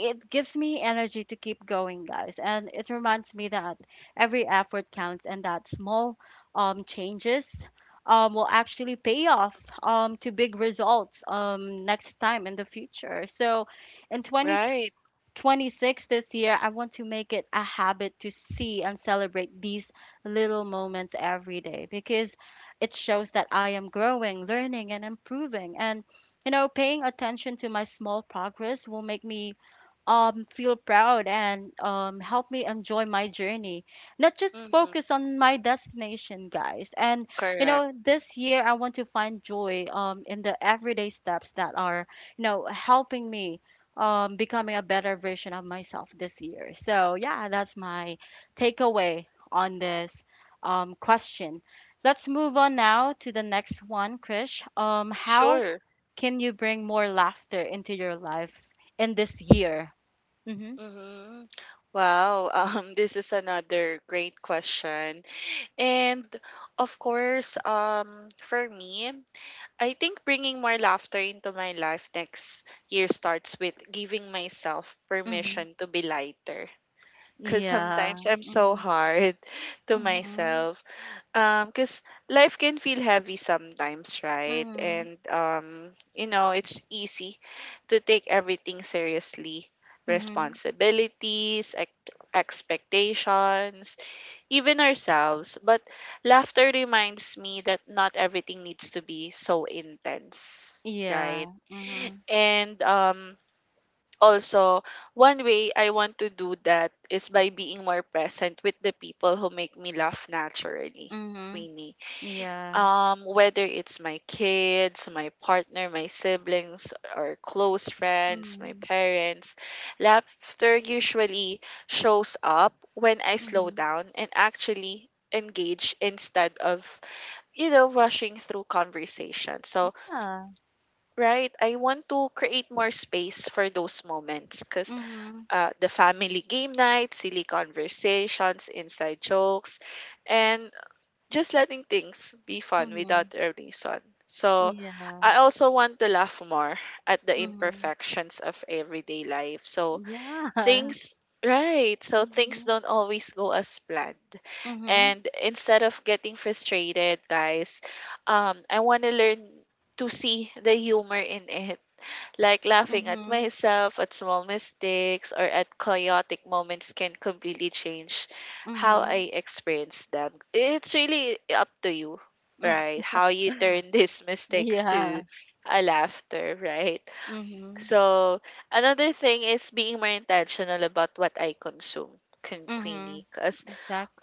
it gives me energy to keep going, guys, and it reminds me that every effort counts, and that small, changes will actually pay off, to big results, next time in the future. So in twenty.
Right.
26 this year, I want to make it a habit to see and celebrate these little moments every day, because it shows that I am growing, learning, and improving. And, you know, paying attention to my small progress will make me, feel proud, and help me enjoy my journey, not just
Mhm.
focus on my destination, guys. And, you
Correct.
know, this year I want to find joy, in the everyday steps that are, you know, helping me, becoming a better version of myself this year. So yeah, that's my takeaway on this, question. Let's move on now to the next one, Krish. How
Sure.
can you bring more laughter into your life in this year? Mm-hmm.
Mhm. Wow. This is another great question. And of course, for me, I think bringing more laughter into my life next year starts with giving myself
Mm-hmm.
permission to be lighter. Because sometimes
Yeah.
I'm so
Mm-hmm.
hard to
Mm-hmm.
myself. Because life can feel heavy sometimes, right?
Mm-hmm.
And you know, it's easy to take everything seriously.
Mm-hmm.
Responsibilities, expectations, even ourselves. But laughter reminds me that not everything needs to be so intense, right?
Yeah. Mm-hmm.
And also, one way I want to do that is by being more present with the people who make me laugh naturally,
Mm-hmm.
Queenie,
Yeah.
whether it's my kids, my partner, my siblings, or close friends, my
Mm-hmm.
parents, laughter usually shows up when I slow
Mm-hmm.
down and actually engage instead of, you know, rushing through conversation. So,
Yeah.
right, I want to create more space for those moments because
Mm-hmm.
the family game night, silly conversations, inside jokes, and just letting things be fun
Mm-hmm.
without a reason. So,
Yeah.
I also want to laugh more at the
Mm-hmm.
imperfections of everyday life. So,
Yeah.
things, things
Mhm.
don't always go as planned.
Mhm.
And instead of getting frustrated, guys, I want to learn to see the humor in it, like laughing at
Mhm.
myself, at small mistakes, or at chaotic moments can completely change how
Mhm.
I experience them. It's really up to you,
Mm.
right? How you turn these mistakes
Yeah.
to a laughter, right?
Mhm.
So another thing is being more intentional about what I consume, Queenie,
Mhm.
because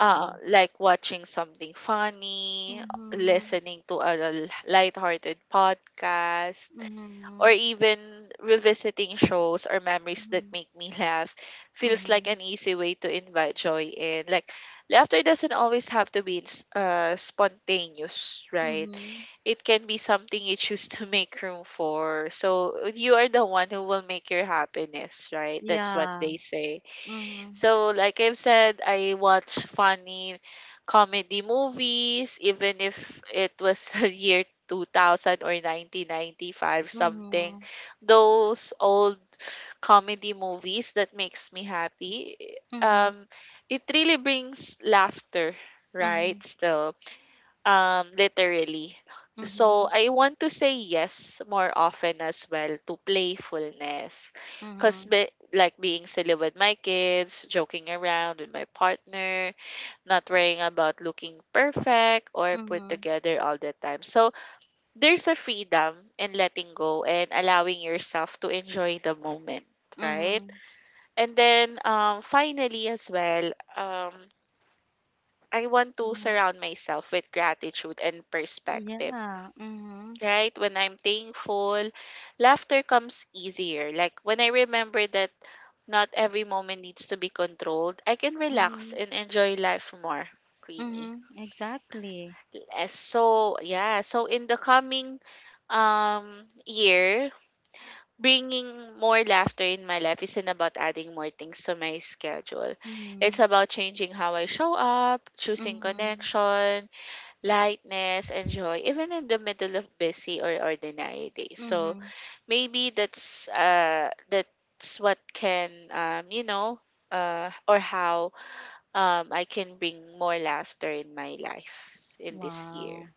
like watching something funny,
Mhm.
listening to a lighthearted podcast, or
Mhm.
even revisiting shows or memories that
Mhm.
make me laugh feels like
Mhm.
an easy way to invite joy in. Like, laughter doesn't always have to be spontaneous, right?
Mhm.
It can be something you choose to make room for. So, you are the one who will make your happiness, right? That's what
Yeah.
they say.
Mhm.
So, like I've said, I watch funny comedy movies, even if it was the year 2000 or 1995 something.
Mhm.
Those old comedy movies that makes me happy.
Mhm.
Um, it really brings laughter, right?
Mhm.
Still um, literally.
Mhm.
So I want to say yes more often as well to playfulness because,
Mhm.
be, like being silly with my kids, joking around with my partner, not worrying about looking perfect or put
Mhm.
together all the time. So there's a freedom in letting go and allowing yourself to enjoy the moment, right?
Mhm.
And then um, finally as well, um, I want to
Mhm.
surround myself with gratitude and perspective,
Yeah. Mhm.
right? When I'm thankful, laughter comes easier. Like, when I remember that not every moment needs to be controlled, I can relax
Mhm.
and enjoy life more, Queenie.
Mhm. Exactly.
Eh, so, yeah, so in the coming year, bringing more laughter in my life isn't about adding more things to my schedule. It's
Mhm.
about changing how I show up, choosing
Mhm.
connection, lightness, and joy, even in the middle of busy or ordinary days. So,
Mhm.
maybe that's uh, that's what can um, you know, uh, or how um, I can bring more laughter in my life in this year.
Wow.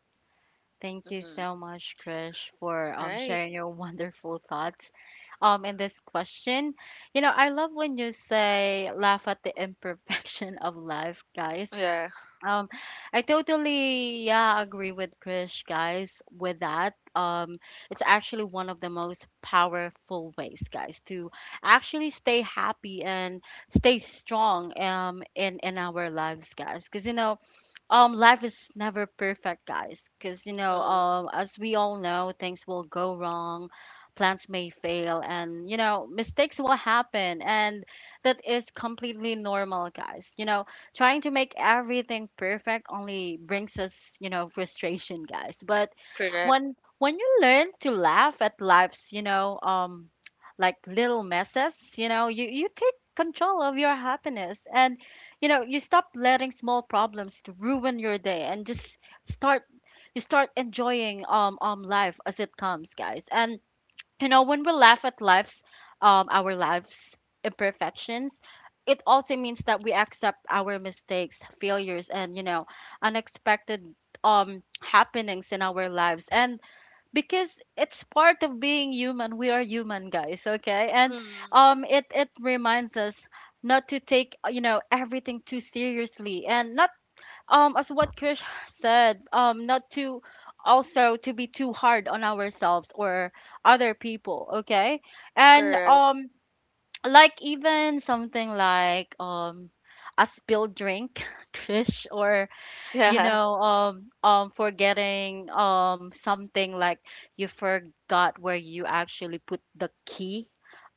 Thank you
Mm-hmm.
so much, Krish, for
Right.
sharing your wonderful thoughts, in this question. You know, I love when you say laugh at the imperfection of life, guys.
Yeah.
Um, I totally, yeah, agree with Krish, guys, with that. It's actually one of the most powerful ways, guys, to actually stay happy and stay strong, in our lives, guys. Because, you know, life is never perfect, guys, because, you know,
Mm.
as we all know, things will go wrong, plans may fail, and, you know, mistakes will happen, and that is completely normal, guys. You know, trying to make everything perfect only brings us, you know, frustration, guys. But
Correct.
when you learn to laugh at life's, you know, like little messes, you know, you take control of your happiness, and, you know, you stop letting small problems to ruin your day, and just start, you start enjoying life as it comes, guys. And, you know, when we laugh at life's our lives' imperfections, it also means that we accept our mistakes, failures, and, you know, unexpected, happenings in our lives, and because it's part of being human. We are human, guys, okay? And
Mm.
it it reminds us not to take, you know, everything too seriously, and not, as what Krish said, not to also to be too hard on ourselves or other people, okay? And
Correct.
like even something like a spilled drink, Krish, or, you
Yeah.
know, forgetting something, like you forgot where you actually put the key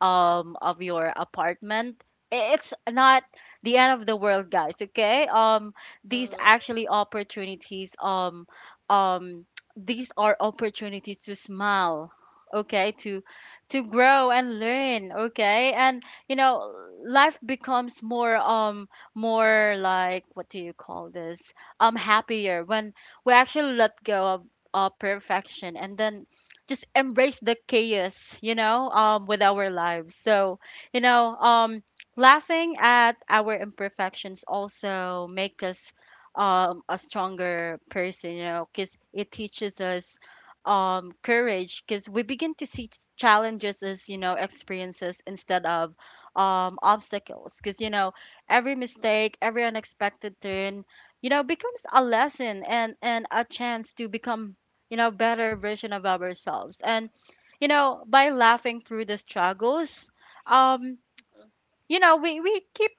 of your apartment. It's not the end of the world, guys. Okay, these
Mm.
actually opportunities. Um, these are opportunities to smile. Okay, to grow and learn. Okay, you know, life becomes more more like what do you call this happier when we actually let go of perfection and then just embrace the chaos with our lives. You know um Laughing at our imperfections also make us a stronger person, you know, because it teaches us courage, because we begin to see challenges as, you know, experiences instead of obstacles, because you know every mistake, every unexpected turn, you know, becomes a lesson and a chance to become, you know, better version of ourselves. And you know By laughing through the struggles, um you know, we keep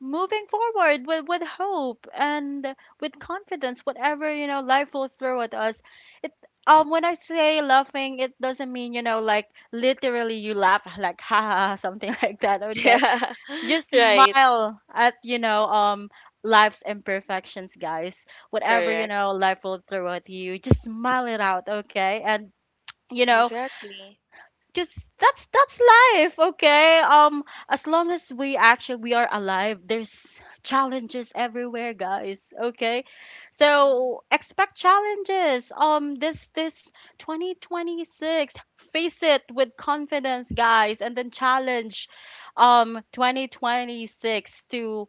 moving forward with hope and with confidence whatever, you know, life will throw at us. It When I say laughing, it doesn't mean, you know, like literally you laugh like ha ha ha, something like that, okay?
Yeah.
Just
Right.
smile at, you know, life's imperfections, guys. Whatever, you
Correct.
know, life will throw at you, just smile it out, okay? and you know
Exactly.
Because that's life, okay? As long as we actually we are alive, there's challenges everywhere, guys, okay?
Mhm.
So expect challenges, this this 2026, face it with confidence, guys, and then challenge 2026 to,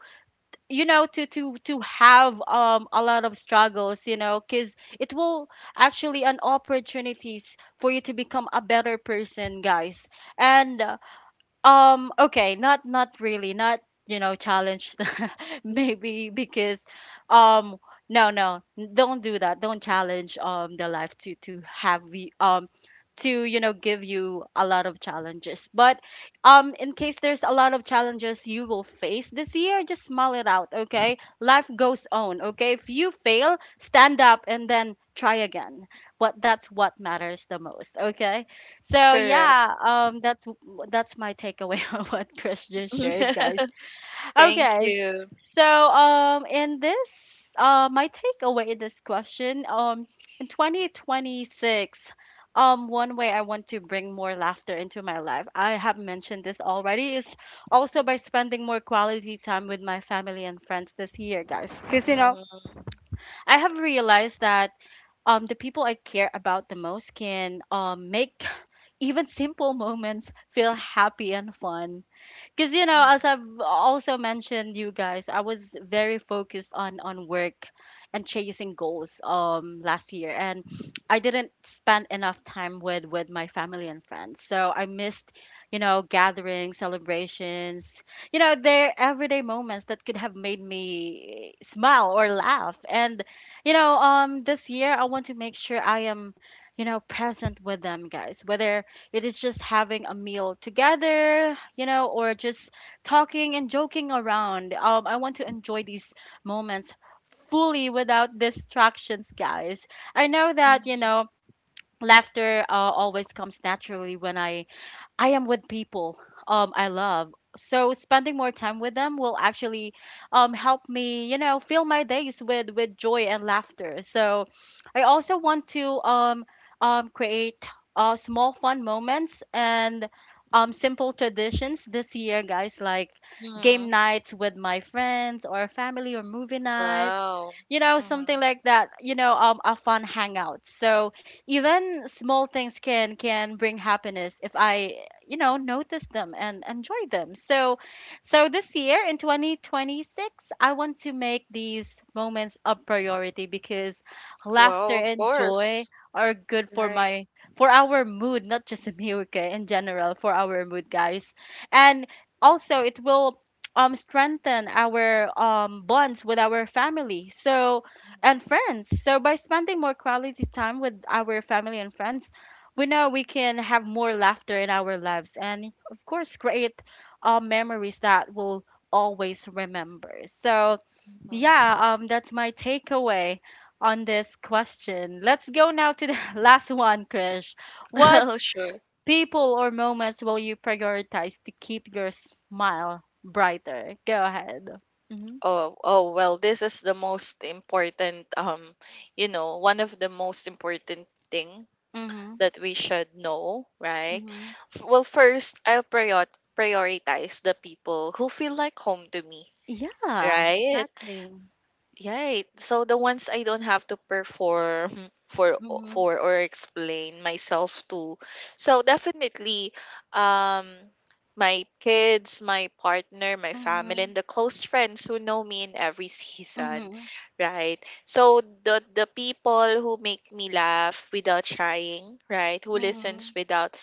you know, to have a lot of struggles, you know, because it will actually an opportunities for you to become a better person, guys. And okay, not really, not, you know, challenge maybe because um no, don't do that. Don't challenge the life to have you to, you know, give you a lot of challenges. But in case there's a lot of challenges you will face this year, just smile it out, okay? Life goes on, okay? If you fail, stand up and then try again. But that's what matters the most, okay? So
Correct.
yeah, that's my takeaway on what Chris just shared, guys.
Thank
Okay,
you.
so in this my takeaway in this question, in 2026, one way I want to bring more laughter into my life, I have mentioned this already, is also by spending more quality time with my family and friends this year, guys. Because you know,
Mm-hmm.
I have realized that the people I care about the most can make even simple moments feel happy and fun. Because you know, as
Mm-hmm.
I've also mentioned, you guys, I was very focused on work and chasing goals last year, and I didn't spend enough time with my family and friends, so I missed, you know, gatherings, celebrations, you know, their everyday moments that could have made me smile or laugh. And you know This year, I want to make sure I am, you know, present with them, guys, whether it is just having a meal together, you know, or just talking and joking around. I want to enjoy these moments fully without distractions, guys. I know that, you know, laughter always comes naturally when I am with people I love. So spending more time with them will actually help me, you know, fill my days with joy and laughter. So I also want to create small fun moments and simple traditions this year, guys, like
Mm-hmm.
game nights with my friends or family, or movie night,
Wow.
you know, something
Mm-hmm.
like that, you know, a fun hangout. So even small things can bring happiness if I, you know, notice them and enjoy them. So so this year in 2026, I want to make these moments a priority, because laughter
Well, of
and joy
course.
are good for
Right.
my for our mood, not just me, okay, in general, for our mood, guys. And also it will strengthen our bonds with our family so, and friends. So by spending more quality time with our family and friends, we know we can have more laughter in our lives, and of course, create memories that we'll always remember. So
Mm-hmm.
yeah, that's my takeaway on this question. Let's go now to the last one, Krish. What
Sure.
people or moments will you prioritize to keep your smile brighter? Go ahead. Mm-hmm.
Oh, oh, well, this is the most important, you know, one of the most important thing
Mm-hmm.
that we should know, right?
Mm-hmm.
Well, first, I'll prioritize the people who feel like home to me,
Yeah,
right?
exactly.
Yeah, right. So the ones I don't have to perform for
Mm-hmm.
for or explain myself to. So definitely um, my kids, my partner, my family,
Mm-hmm.
and the close friends who know me in every season,
Mm-hmm.
right? So the people who make me laugh without trying, right? Who
Mm-hmm.
listens without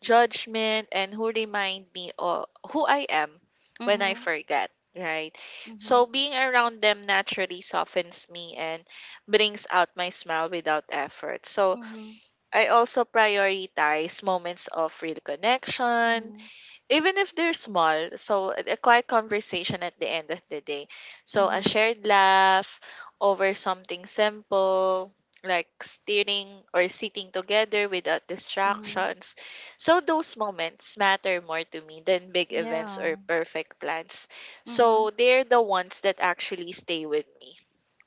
judgment and who remind me of who I am when I
Mm-hmm.
forget, right?
Mm-hmm.
So being around them naturally softens me and brings out my smile without effort. So
Mm-hmm.
I also prioritize moments of real connection, even if they're small, so a quiet conversation at the end of the day, so a
Mm-hmm.
shared laugh over something simple like steering, or sitting together without
Mm-hmm.
distractions. So those moments matter more to me than big events or
Yeah.
perfect plans, so
Mm-hmm.
they're the ones that actually stay with me,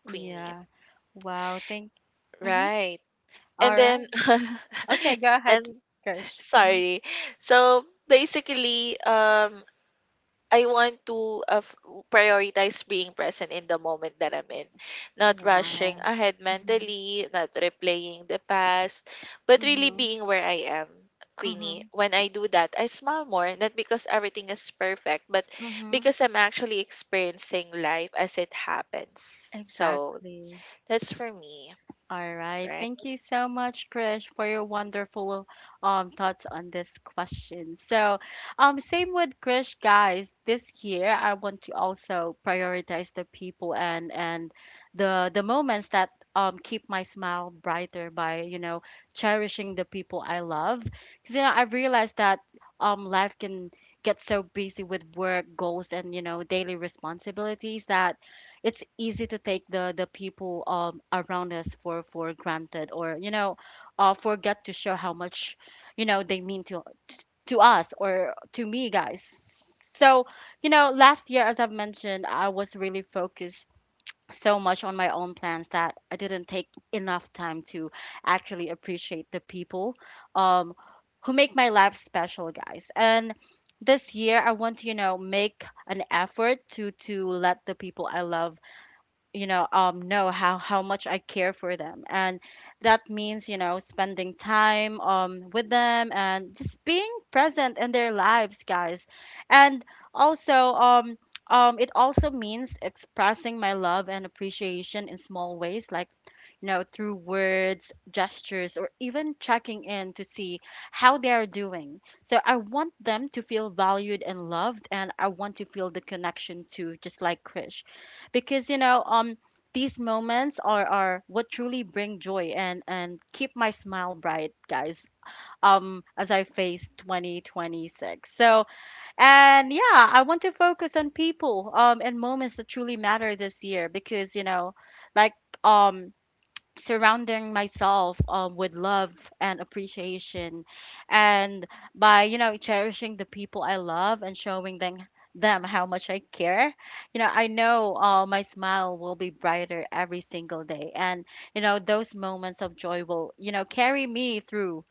Queenie,
Yeah. Wow. Thank. Mm-hmm.
right? And
All right.
then
Okay. Go ahead,
and
Krish. Mm-hmm.
sorry, so basically um, I want to prioritize being present in the moment that I'm in, not rushing
Wow.
ahead
Mm-hmm.
mentally, not replaying the past, but really
Mm-hmm.
being where I am. Queenie,
Mm-hmm.
when I do that, I smile more, not because everything is perfect, but
Mm-hmm.
because I'm actually experiencing life as it happens. So
Exactly.
that's for me,
All right. Thank
right?
you so much, Krish, for your wonderful thoughts on this question. So, same with Krish, guys. This year, I want to also prioritize the people and the moments that keep my smile brighter by, you know, cherishing the people I love. Because you know, I've realized that life can get so busy with work goals and, you know, daily responsibilities, that it's easy to take the people around us for granted, or you know, forget to show how much, you know, they mean to us or to me, guys. So, you know, last year, as I've mentioned, I was really focused so much on my own plans that I didn't take enough time to actually appreciate the people um who make my life special, guys. And this year, I want to, you know, make an effort to let the people I love, you know, know how much I care for them. And that means, you know, spending time with them and just being present in their lives, guys. And also it also means expressing my love and appreciation in small ways, like, you know, through words, gestures, or even checking in to see how they are doing. So I want them to feel valued and loved, and I want to feel the connection too, just like Krish. Because you know, these moments are what truly bring joy and keep my smile bright, guys, as I face 2026. So, and yeah, I want to focus on people and moments that truly matter this year, because you know, like, um surrounding myself with love and appreciation, and by, you know, cherishing the people I love and showing them how much I care, you know, I know, my smile will be brighter every single day. And you know, those moments of joy will, you know, carry me through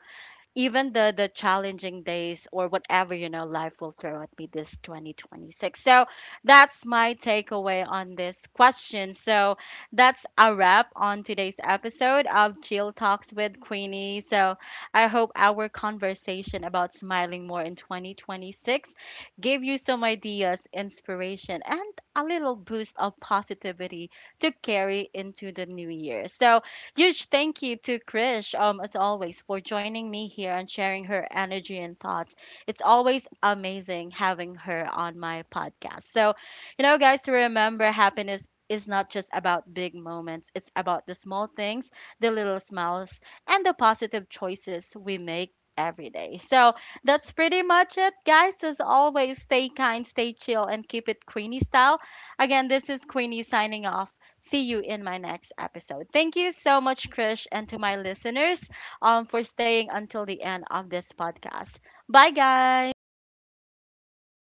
even the challenging days, or whatever, you know, life will throw at me this 2026. So that's my takeaway on this question. So that's a wrap on today's episode of Chill Talks with Queenie. So I hope our conversation about smiling more in 2026 gave you some ideas, inspiration, and a little boost of positivity to carry into the new year. So huge thank you to Krish, as always, for joining me here and sharing her energy and thoughts. It's always amazing having her on my podcast. So, you know, guys, to remember, happiness is not just about big moments, it's about the small things, the little smiles, and the positive choices we make every day. So that's pretty much it, guys. As always, stay kind, stay chill, and keep it Queenie style. Again, this is Queenie signing off. See you in my next episode. Thank you so much, Krish, and to my listeners, for staying until the end of this podcast. Bye, guys.